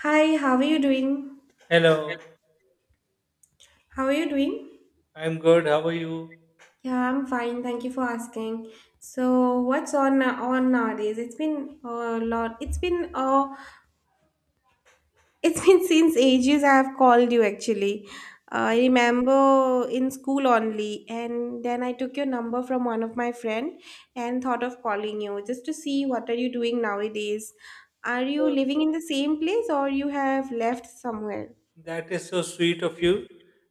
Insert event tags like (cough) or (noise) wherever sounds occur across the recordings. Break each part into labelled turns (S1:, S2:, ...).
S1: Hi, how are you doing?
S2: Hello,
S1: How are you doing?
S2: I'm good. How are you?
S1: Yeah, I'm fine. Thank you for asking. So, what's on nowadays? It's been a lot. It's been (laughs) since ages I have called you, actually. I remember in school only, and then I took your number from one of my friend and thought of calling you just to see what are you doing nowadays. Are you
S2: Uh,
S1: living in the same place or you have left somewhere?
S2: That is so sweet of you.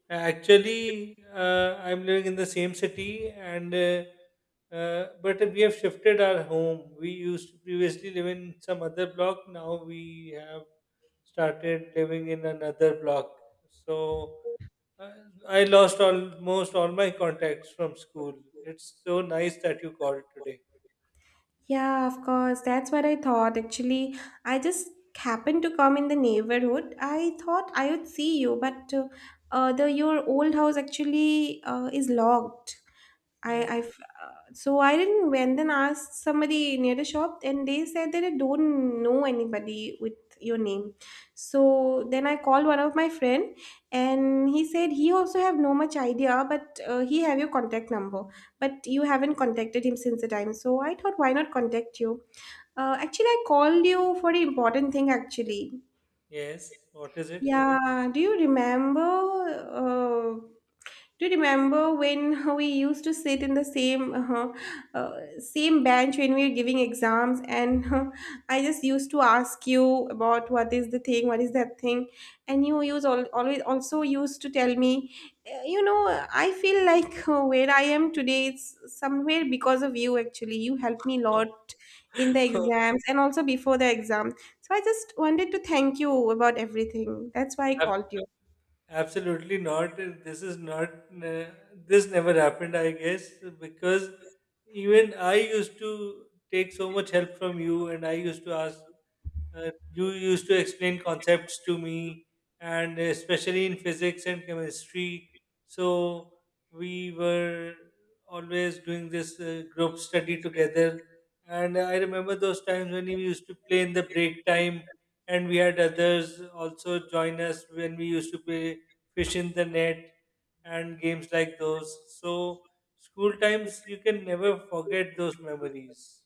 S2: Actually, I'm living in the same city, and but we have shifted our home. We used to previously live in some other block. Now we have started living in another block. So uh, I lost almost all my contacts from school. It's so nice that you called today.
S1: Yeah, of course. That's what I thought. Actually, I just happened to come in the neighborhood. I thought I would see you, but the your old house actually is locked. I, I
S2: Yes.
S1: f- so I didn't went and asked somebody near the shop, and they said that I don't know anybody with your name. So then I called one of my friend, and he said he also have no much idea, but he have your contact number, but you haven't contacted him since the time. So I thought, why not contact you? Actually, I called you for an important thing. Actually,
S2: Yes. What is it?
S1: yeah. Do you remember? Do you remember when (laughs) we used to sit in the same same bench when we were giving exams, and I just used to ask you about what is the thing, what is that thing, and you use all, always also used to tell me, you know, I feel like where I am today, it's somewhere because of you. Actually, you helped me a
S2: (laughs)
S1: lot in the exams and also before the exam. So I just wanted to thank you about everything. That's why I
S2: Have
S1: called you.
S2: Absolutely not. This is not. This never happened, I guess, because even I used to take so much help from you, and I used to ask. You used to explain concepts to me, and especially in physics and chemistry. So we were always doing this group study together, and I remember those times when we used to play in the break time and we had others also join us when we used to play fish in the net and games like those. So school times you can never forget those memories.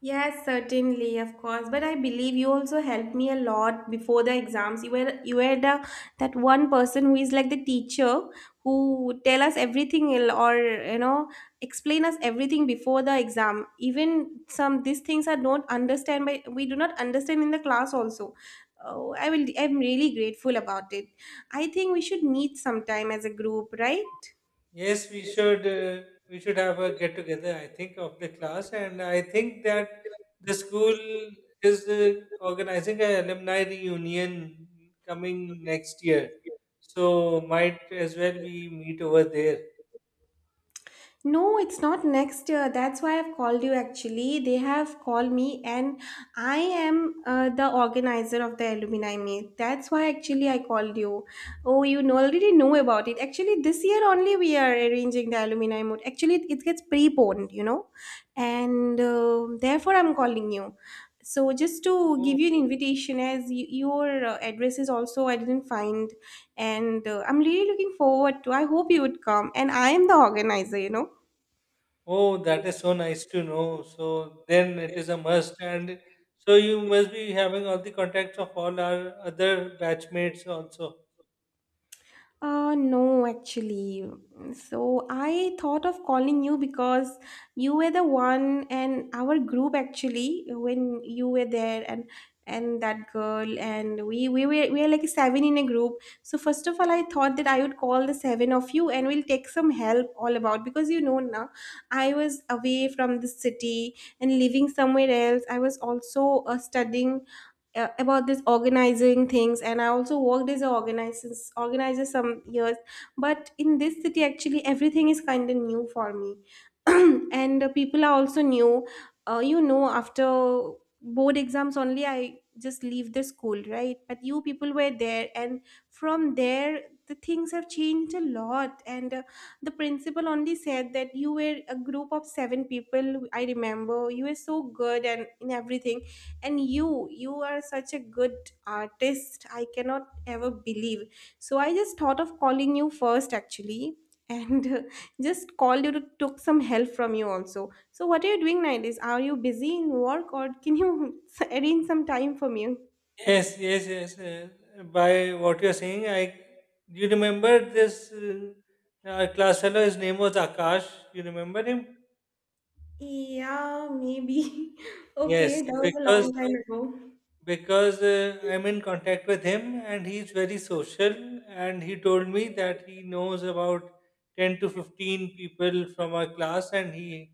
S1: Yes, certainly, of course. But I believe you also helped me a lot before the exams. You were the that one person who is like the teacher who would tell us everything or you know explain us everything before the exam. Even some these things are don't understand by we do not understand in the class also. Oh, I will. I'm really grateful about it. I think we should meet sometime as a group, right?
S2: Yes, we should have a get together. I think of the class, and I think that the school is organizing an alumni reunion coming next year. So might as well we meet over there.
S1: No, it's not next year. That's why I've called you actually. They have called me, and I am the organizer of the alumni meet. That's why actually I called you. Oh, you know- already know about it. Actually, this year only we are arranging the alumni meet. Actually, it gets preponed, you know, and therefore I'm calling you. So just to give
S2: Oh,
S1: you an invitation, as your address is also I didn't find, and I'm really looking forward to. I hope you would come, and I am the organizer, you know.
S2: Oh, that is so nice to know. So then it is a must, and so you must be having all the contacts of all our other batchmates also.
S1: No, actually. So I thought of calling you because you were the one and our group actually when you were there and that girl and we were like seven in a group. So first of all, I thought that I would call the seven of you and we'll take some help all about because you know now I was away from the city and living somewhere else. I was also studying about this organizing things, and I also worked as an organizer some years, but in this city actually everything is kind of new for me (clears throat) and people are also new. You know, after board exams only I just leave the school, right? But you people were there, and from there the things have changed a lot, and the principal only said that you were a group of seven people. I remember you were so good and in everything and you are such a good artist, I cannot ever believe. So I just thought of calling you first, actually, and (laughs) just called you to took some help from you also. So what are you doing nowadays? Are you busy in work or can you (laughs) arrange some time for me?
S2: Yes, yes, yes. By what you're saying, I you remember this our class fellow. His name was Akash. You remember him?
S1: Yeah, maybe (laughs)
S2: Yes,
S1: okay, that was a long time ago.
S2: because I'm in contact with him and he's very social and he told me that he knows about 10 to 15 people from our class and he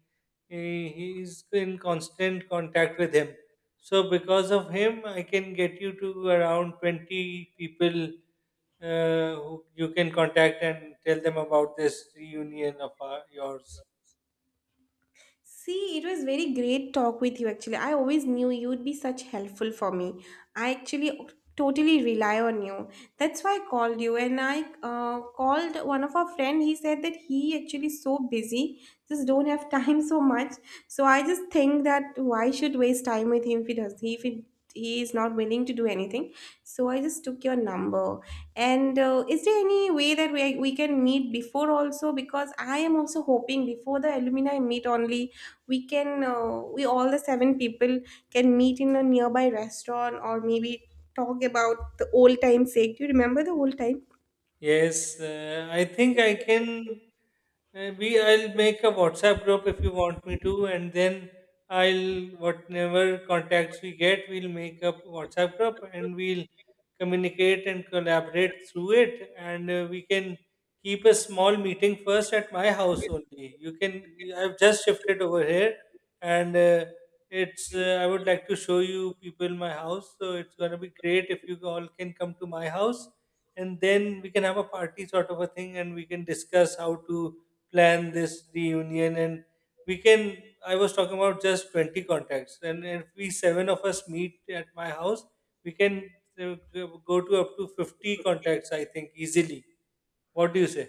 S2: he- he's in constant contact with him. So because of him, I can get you to around 20 people who you can contact and tell them about this reunion of our, yours.
S1: See, it was very great talk with you actually. I always knew you'd be such helpful for me. I actually totally rely on you. That's why I called you, and I called one of our friend. He said that he actually so busy, just don't have (laughs) time so much. So I just think that why should waste time with him if he does if he, he is not willing to do anything. So I just took your number. And is there any way that we can meet before also? Because I am also hoping before the alumni meet only we can we all the seven people can meet in a nearby restaurant or maybe talk about the old time sake. Do you remember the old time?
S2: Yes, I think I can. We I'll make a WhatsApp group if you want me to, and then I'll, whatever contacts we get, we'll make a WhatsApp group and we'll communicate and collaborate through it. And we can keep a small meeting first at my house only. You can. I've just shifted over here, and it's. I would like to show you people my house, so it's gonna be great if you all can come to my house and then we can have a party sort of a thing and we can discuss how to plan this reunion and we can I was talking about just 20 contacts, and if we seven of us meet at my house we can go to up to 50 contacts, I think, easily. What do you say?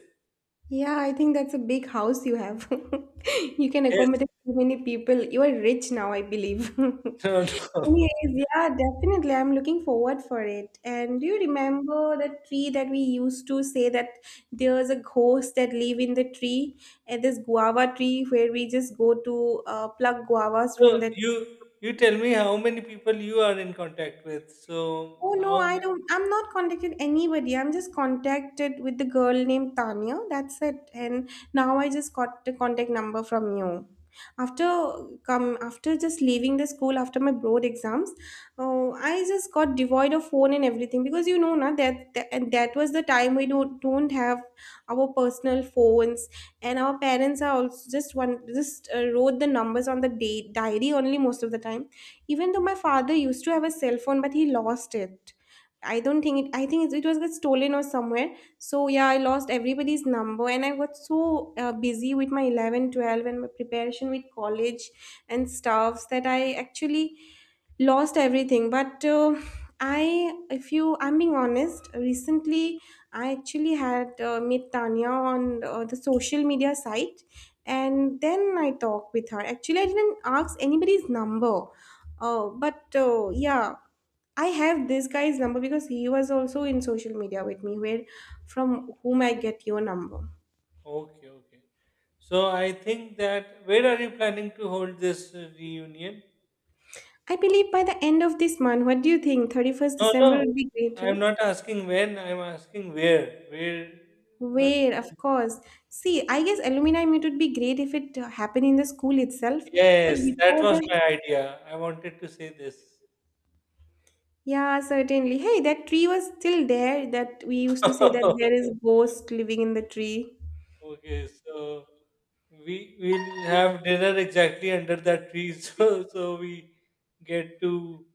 S1: Yeah, I think that's a big house you have. (laughs) You can
S2: Yes.
S1: accommodate so many people. You are rich now, I believe.
S2: (laughs)
S1: (laughs)
S2: no no
S1: Anyways, yeah, definitely. I'm looking forward for it. And do you remember the tree that we used to say that there's a ghost that live in the tree, and this guava tree where we just go to pluck guavas
S2: so
S1: from that.
S2: you you tell me how many people you are in contact with so
S1: Oh no,
S2: how
S1: I don't. I'm not contacted anybody. I'm just contacted with the girl named Tanya. That's it. And now I just got the contact number from you. After come after just leaving the school after my board exams, oh, I just got devoid of phone and everything because you know na that and that was the time we don't have our personal phones, and our parents are also just one just wrote the numbers on the day diary only most of the time. Even though my father used to have a cell phone, but he lost it. I don't think it, I think it was just stolen or somewhere. So yeah, I lost everybody's number and I got so busy with my 11, 12, and my preparation with college and stuffs that I actually lost everything. But I, if you, I'm being honest, recently I actually had met Tanya on the social media site, and then I talked with her. Actually, I didn't ask anybody's number, but yeah, I have this guy's number because he was also in social media with me, where from whom I get your number.
S2: Okay, okay. So I think that, where are you planning to hold this reunion?
S1: I believe by the end of this month, what do you think? 31st
S2: No,
S1: December
S2: no.
S1: would be great,
S2: I'm
S1: right?
S2: not asking when. I'm asking where. Where? ma-
S1: Where, of course. See, I guess alumni meet would be great if it happened in the school itself, but
S2: Yes, that
S1: before
S2: was
S1: that,
S2: my idea. I wanted to say this.
S1: yeah, certainly. Hey, that tree was still there that we used to say that there
S2: (laughs)
S1: is ghost living in the tree.
S2: Okay, so we will have dinner exactly under that tree, (laughs) so we get to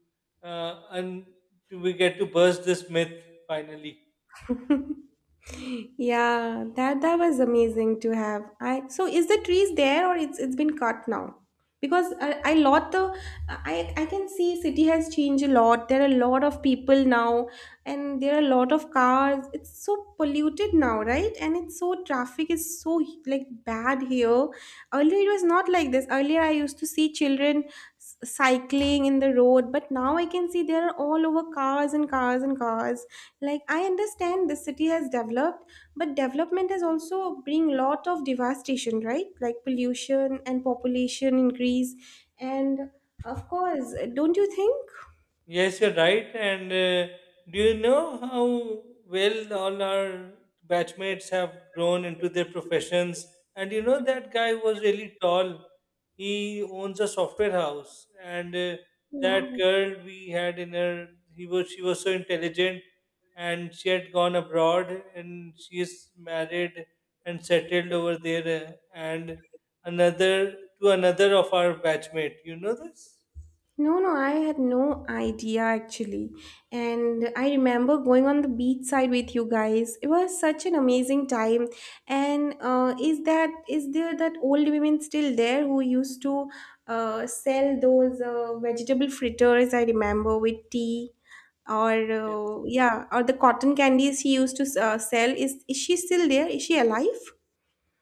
S2: and we get to burst this myth finally.
S1: (laughs) Yeah, that that was amazing to have. I so is the trees there or it's been cut now? Because I lot the I can see city has changed a lot. There are a lot of people now, and there are a lot of cars. It's so polluted now, right? And it's so traffic is so like bad here. Earlier it was not like this. Earlier I used to see children cycling in the road, but now I can see there are all over cars and cars and cars, like I understand the city has developed, but development has also bring lot of devastation, right? Like pollution and population increase, and of course, don't you think?
S2: Yes, you're right. And do you know how well all our batchmates have grown into their professions? And you know that guy was really tall. He owns a software house, and that
S1: Wow.
S2: girl we had in her, he was she was so intelligent, and she had gone abroad, and she is married and settled over there. And another of our batchmate. You know this?
S1: No, no, I had no idea, actually. And I remember going on the beach side with you guys. It was such an amazing time. And is that is there that old women still there who used to sell those vegetable fritters? I remember with tea or yeah, or the cotton candies she used to sell. Is she still there? Is she alive?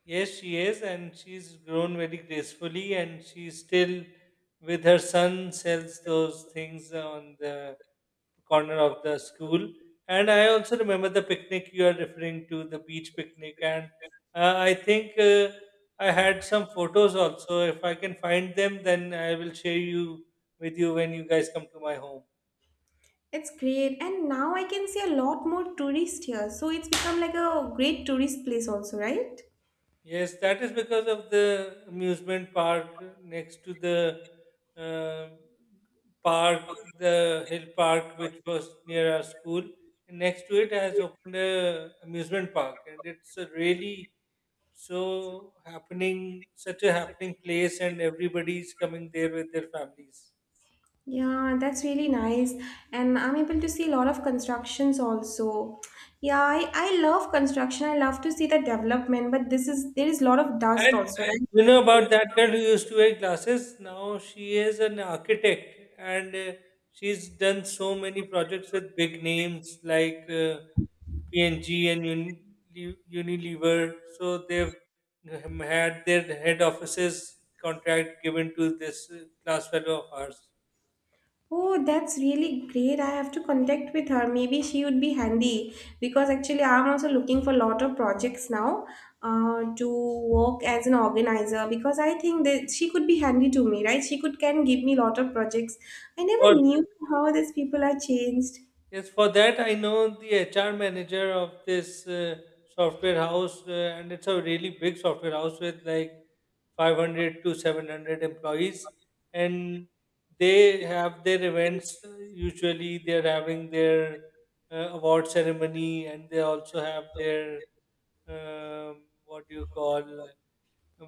S2: Yes, she is, and she's grown very gracefully, and she still with her son sells those things on the corner of the school. And I also remember the picnic you are referring to, the beach picnic, and uh, I think uh, I had some photos also. If I can find them, then I will share you with you when you guys come to my home.
S1: It's great, and now I can see a lot more tourists here. So it's become like a great tourist place, also, right?
S2: Yes, that is because of the amusement park next to the uh, park, the hill park, which was near our school. And next to it has opened a amusement park, and it's a really such a happening place, and everybody's coming there with their families.
S1: Yeah, that's really nice. And I'm able to see a lot of constructions also. Yeah, I love construction. I love to see the development, but this is there is a lot of dust
S2: And
S1: also, right?
S2: you know about that girl who used to wear glasses? Now she is an architect, and she's done so many projects with big names like PNG and Unilever. So they've had their head offices contract given to this class fellow of ours.
S1: Oh, that's really great. I have to contact with her. Maybe she would be handy, because actually I'm also looking for a lot of projects now to work as an organizer, because I think that she could be handy to me, right? She could can give me a lot of projects. I
S2: For
S1: never knew how these people are changed.
S2: Yes, for that I know the HR manager of this software house, and it's a really big software house with like 500 to 700 employees, and they have their events. Usually, they're having their award ceremony, and they also have their what do you call,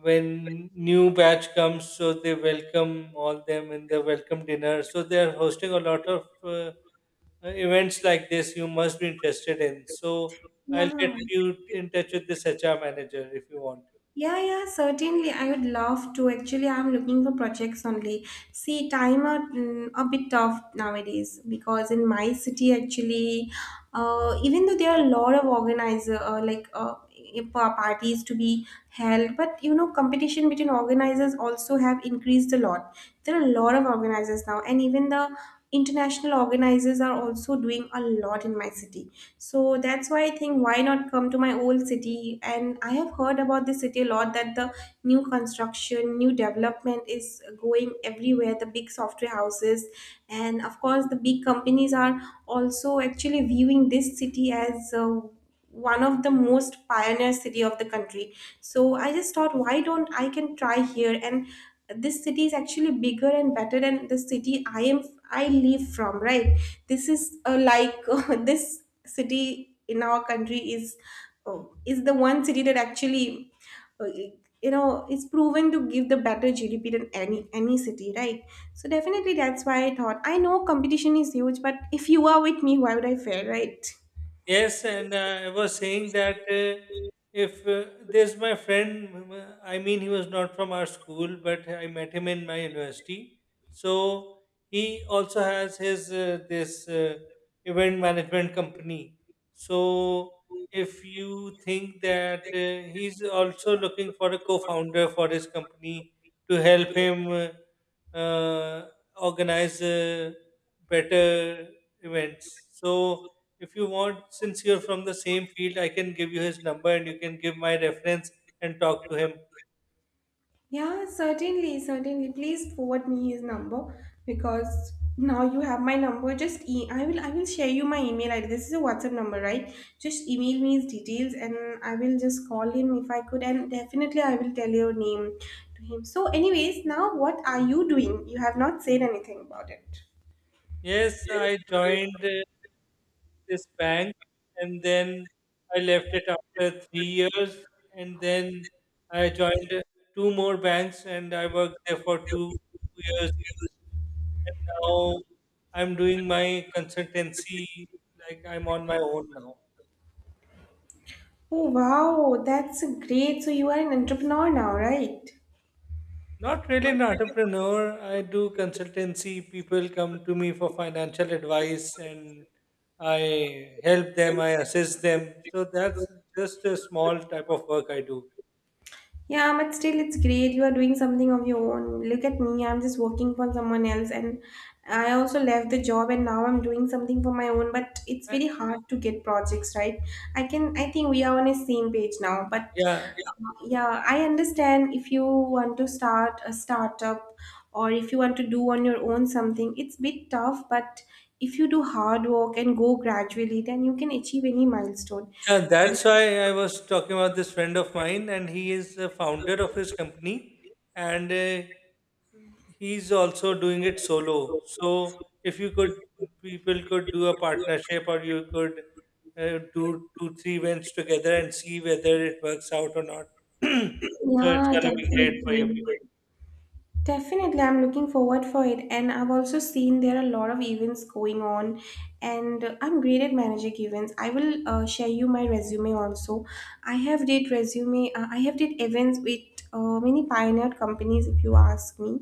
S2: when new batch comes, so they welcome all them in the welcome dinner. So they are hosting a lot of events like this you must be interested in. So I'll
S1: Yeah.
S2: get you in touch with this HR manager if you want.
S1: Yeah, yeah, certainly. I would love to. Actually, I'm looking for projects only. See, time are a bit tough nowadays because in my city, actually, even though there are a lot of organizer parties to be held, but you know, competition between organizers also have increased a lot. There are a lot of organizers now, and even the international organizers are also doing a lot in my city, so that's why I think, why not come to my old city? And I have heard about this city a lot, that the new construction, new development is going everywhere, the big software houses. And of course, the big companies are also actually viewing this city as one of the most pioneer city of the country. So I just thought, why don't I can try here? And this city is actually bigger and better than the city I live from, right? This is (laughs) this city in our country uh, is the one city that actually is proven to give the better gdp than any city, right? So definitely that's why I thought, I know competition is huge, but if you are with me, why would I fail, right?
S2: Yes, and I was saying that if there's my friend, I mean, he was not from our school, but I met him in my university. So he also has his this event management company. So if you think that he's also looking for a co-founder for his company to help him uh, organize better events, so if you want, since you're from the same field, I can give you his number and you can give my reference and talk to him.
S1: Yeah, certainly, certainly. Please forward me his number, because now you have my number. I will share you my email ID. This is a WhatsApp number, right? Just email me his details, and I will just call him if I could, and definitely I will tell your name to him. So anyways, now what are you doing? You have not said anything about it.
S2: Yes, I joined this bank and then I left it after 3 years. And then I joined two more banks and I worked there for two, 2 years each. And now I'm doing my consultancy, like I'm on my own now.
S1: Oh wow, that's great. So you are an entrepreneur now, right?
S2: Not really an entrepreneur. I do consultancy. People come to me for financial advice and I help them, I assist them. So that's just a small type of work I do.
S1: Yeah, but still, it's great. You are doing something of your own. Look at me, I'm just working for someone else, and I also left the job, and now I'm doing something for my own. But it's
S2: Uh,
S1: very hard to get projects, right? I can, I think we are on the same page now. But
S2: Yeah.
S1: yeah, I understand if you want to start a startup or if you want to do on your own something, it's bit tough, but if you do hard work and go gradually, then you can achieve any milestone.
S2: Yeah,
S1: Uh,
S2: that's why I was talking about this friend of mine, and he is the founder of his company, and he's also doing it solo. So if you could, people could do a partnership, or you could do two, three events together and see whether it works out or not. (clears throat) So it's
S1: Yeah,
S2: gonna be great for you
S1: definitely.
S2: people.
S1: Definitely, I'm looking forward for it, and I've also seen there are a lot of events going on, and I'm great at managing events. I will share you my resume also. I have did resume. I have did events with many pioneer companies, if you ask me.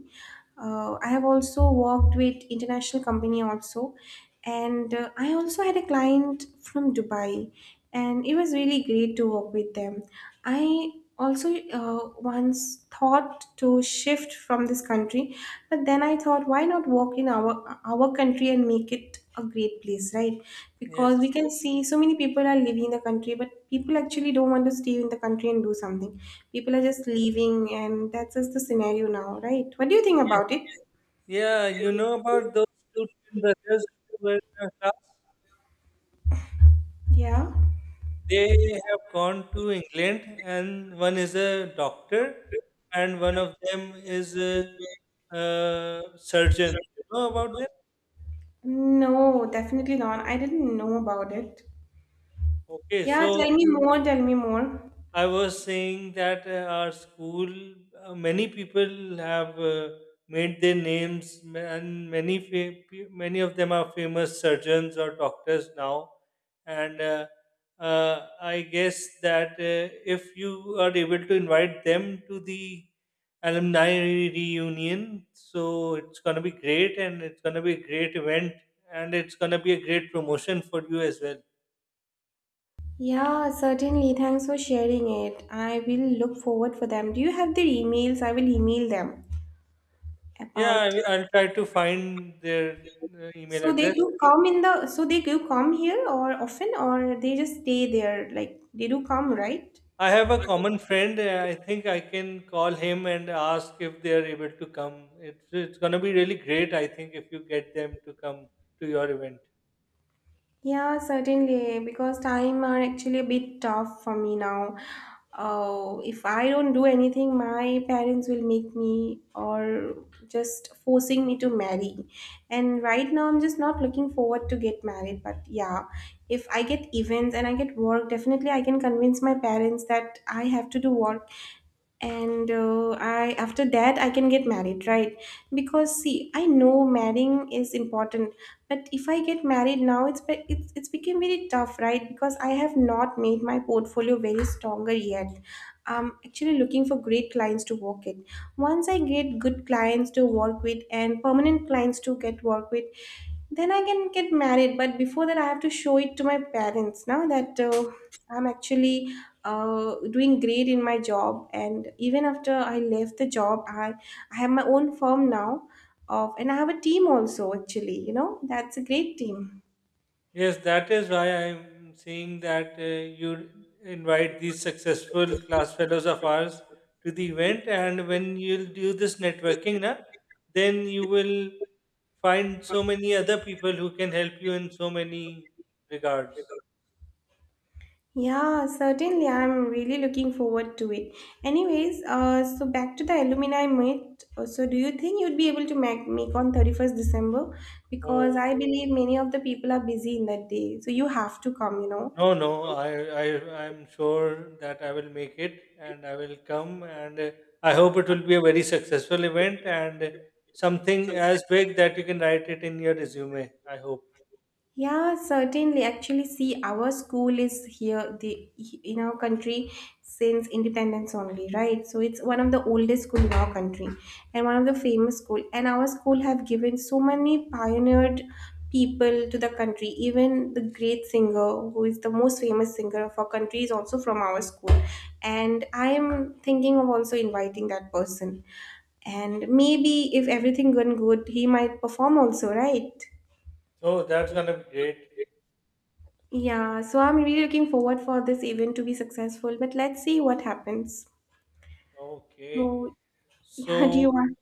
S1: I have also worked with international company also, and I also had a client from Dubai, and it was really great to work with them. I also once thought to shift from this country, but then I thought, why not work in our country and make it a great place, right?
S2: Yes.
S1: Because we can see so many people are leaving the country, but people actually don't want to stay in the country and do something. People are
S2: Yeah.
S1: just leaving, and that's just the scenario now, right? What do you think about it?
S2: Yes. Yeah. You know about those two twin brothers who were in our class?
S1: Yeah.
S2: They have gone to England, and one is a doctor, and one of them is a, uh, surgeon. You know about them?
S1: No, definitely not. I didn't know about it.
S2: Okay,
S1: Yeah,
S2: so
S1: tell me more, tell me more.
S2: I was saying that our school, many people have made their names, and many many of them are famous surgeons or doctors now. And I guess that if you are able to invite them to the alumni reunion, so it's going to be great, and it's going to be a great event, and it's going to be a great promotion for you as well.
S1: Yeah, certainly. Thanks for sharing it. I will look forward for them. Do you have their emails? I will email them about.
S2: Yeah, I'll try to find their email
S1: So they
S2: address.
S1: do come in so they do come here or often, or they just stay there, like they do come, right?
S2: I have a common friend. I think I can call him and ask if they are able to come. It's going to be really great, I think, if you get them to come to your event.
S1: Yeah, certainly, because time are actually a bit tough for me now. Oh, if I don't do anything, my parents will make me or just forcing me to marry. And right now, I'm just not looking forward to get married. But yeah, if I get events and I get work, definitely I can convince my parents that I have to do work, and I after that I can get married, right? Because see, I know marrying is important, but if I get married now, it's become very tough, right? Because I have not made my portfolio very stronger yet. I'm actually looking for great clients to work with. Once I get good clients to work with and permanent clients to get work with, then I can get married. But before that I have to show it to my parents now that I'm actually doing great in my job, and even after I left the job, I have my own firm now of, and I have a team also, actually, you know, that's a great team.
S2: Yes, that is why I'm saying that you invite these successful class fellows of ours to the event, and when you'll do this networking, na, then you will find so many other people who can help you in so many regards.
S1: Yeah, certainly, I'm really looking forward to it. Anyways, so back to the alumni meet. So do you think you'd be able to make on 31st december, because
S2: Oh,
S1: I believe many of the people are busy in that day, so you have to come, you know?
S2: no, no, I, I'm sure that I will make it, and I will come, and I hope it will be a very successful event and something as big that you can write it in your resume. I hope.
S1: Yeah, certainly. Actually, see, our school is here, the in our country since independence only, right? So it's one of the oldest school in our country, and one of the famous school. And our school have given so many pioneered people to the country. Even the great singer, who is the most famous singer of our country, is also from our school. And I am thinking of also inviting that person. And maybe if everything going good, he might perform also, right?
S2: Oh, that's gonna be great.
S1: Yeah, so I'm really looking forward for this event to be successful, but let's see what happens.
S2: Okay.
S1: So, (laughs) yeah, do
S2: So,
S1: you want.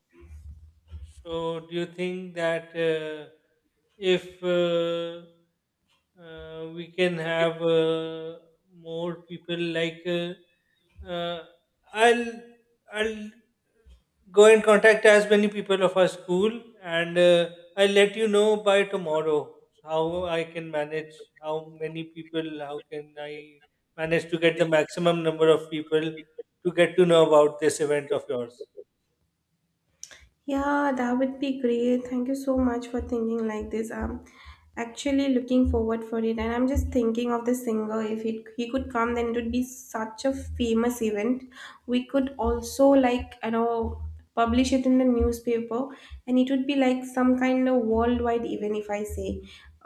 S2: so do you think that if we can have more people uh, I'll ? I'll go and contact as many people of our school and I'll let you know by tomorrow how i can manage how many people, how can I manage to get the maximum number of people to get to know about this event of yours.
S1: Yeah, that would be great. Thank you so much for thinking like this. I'm actually looking forward for it, and I'm just thinking of the singer. If it, he could come, then it would be such a famous event. We could also, like, you know, publish it in the newspaper, and it would be like some kind of worldwide event, if I say,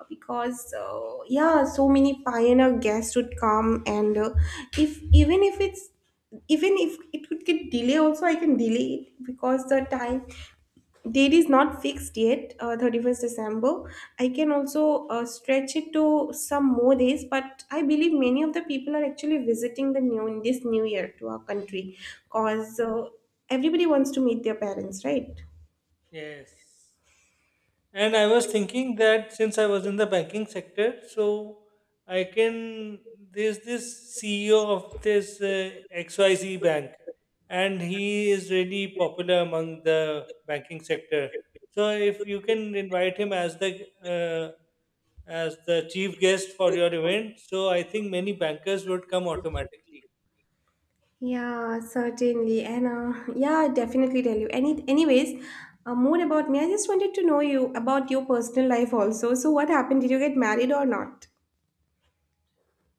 S1: because yeah, so many pioneer guests would come, and if even if it's even if it could get delay also, I can delay it, because the time Date is not fixed yet, 31st December. I can also stretch it to some more days, but I believe many of the people are actually visiting the new in this new year to our country, because everybody wants to meet their parents, right?
S2: Yes. And I was thinking that since I was in the banking sector, so I can. There's this CEO of this XYZ bank, and he is really popular among the banking sector. So if you can invite him uh, as the chief guest for your event, so I think many bankers would come automatically.
S1: Yeah, certainly. And yeah, I definitely tell you. Anyways, more about me. I just wanted to know you about your personal life also. So, what happened? Did you get married or not?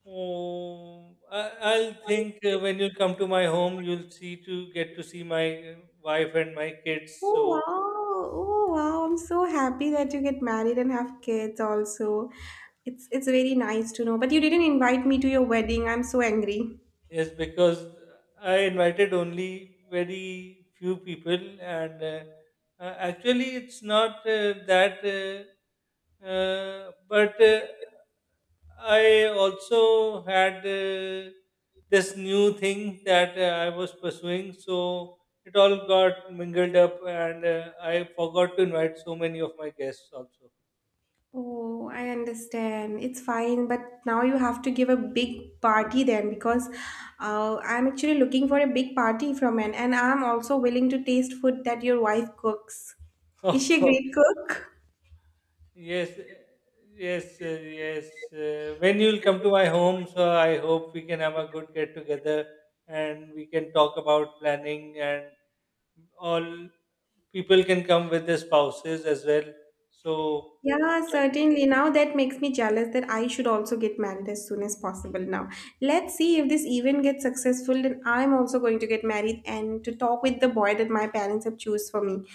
S2: I'll think when you come to my home, you'll see to get to see my wife and my kids.
S1: Oh
S2: So,
S1: wow! Oh wow! I'm so happy that you get married and have kids also. It's very nice to know. But you didn't invite me to your wedding. I'm so angry.
S2: yes, because I invited only very few people, and actually, it's not that, but I also had this new thing that I was pursuing, so it all got mingled up, and I forgot to invite so many of my guests also.
S1: Oh, I understand. It's fine, but now you have to give a big party then, because I'm actually looking for a big party from an, and I'm also willing to taste food that your wife cooks. Is she a great
S2: (laughs)
S1: cook?
S2: Yes, eh, yes, yes. When you'll come to my home, so I hope we can have a good get together and we can talk about planning and all people can come with their spouses as well. So,
S1: Yeah, certainly. Now that makes me jealous that I should also get married as soon as possible now. Let's see if this event gets successful, then I'm also going to get married and to talk with the boy that my parents have choose for me.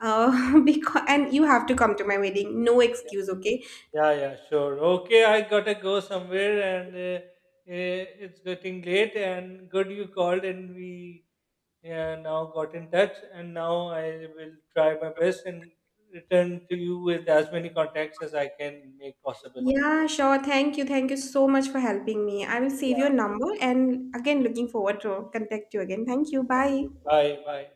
S1: (laughs) Because and you have to come to my wedding. No excuse, okay?
S2: yeah, yeah, sure. Okay, I gotta go somewhere and it's getting late and good you called and we yeah, now got in touch, and now I will try my best and return to you with as many contacts as I can make possible.
S1: Yeah, sure. Thank you. Thank you so much for helping me. I will save your
S2: Yeah,
S1: number and again looking forward to contact you again. Thank you. Bye.
S2: bye bye.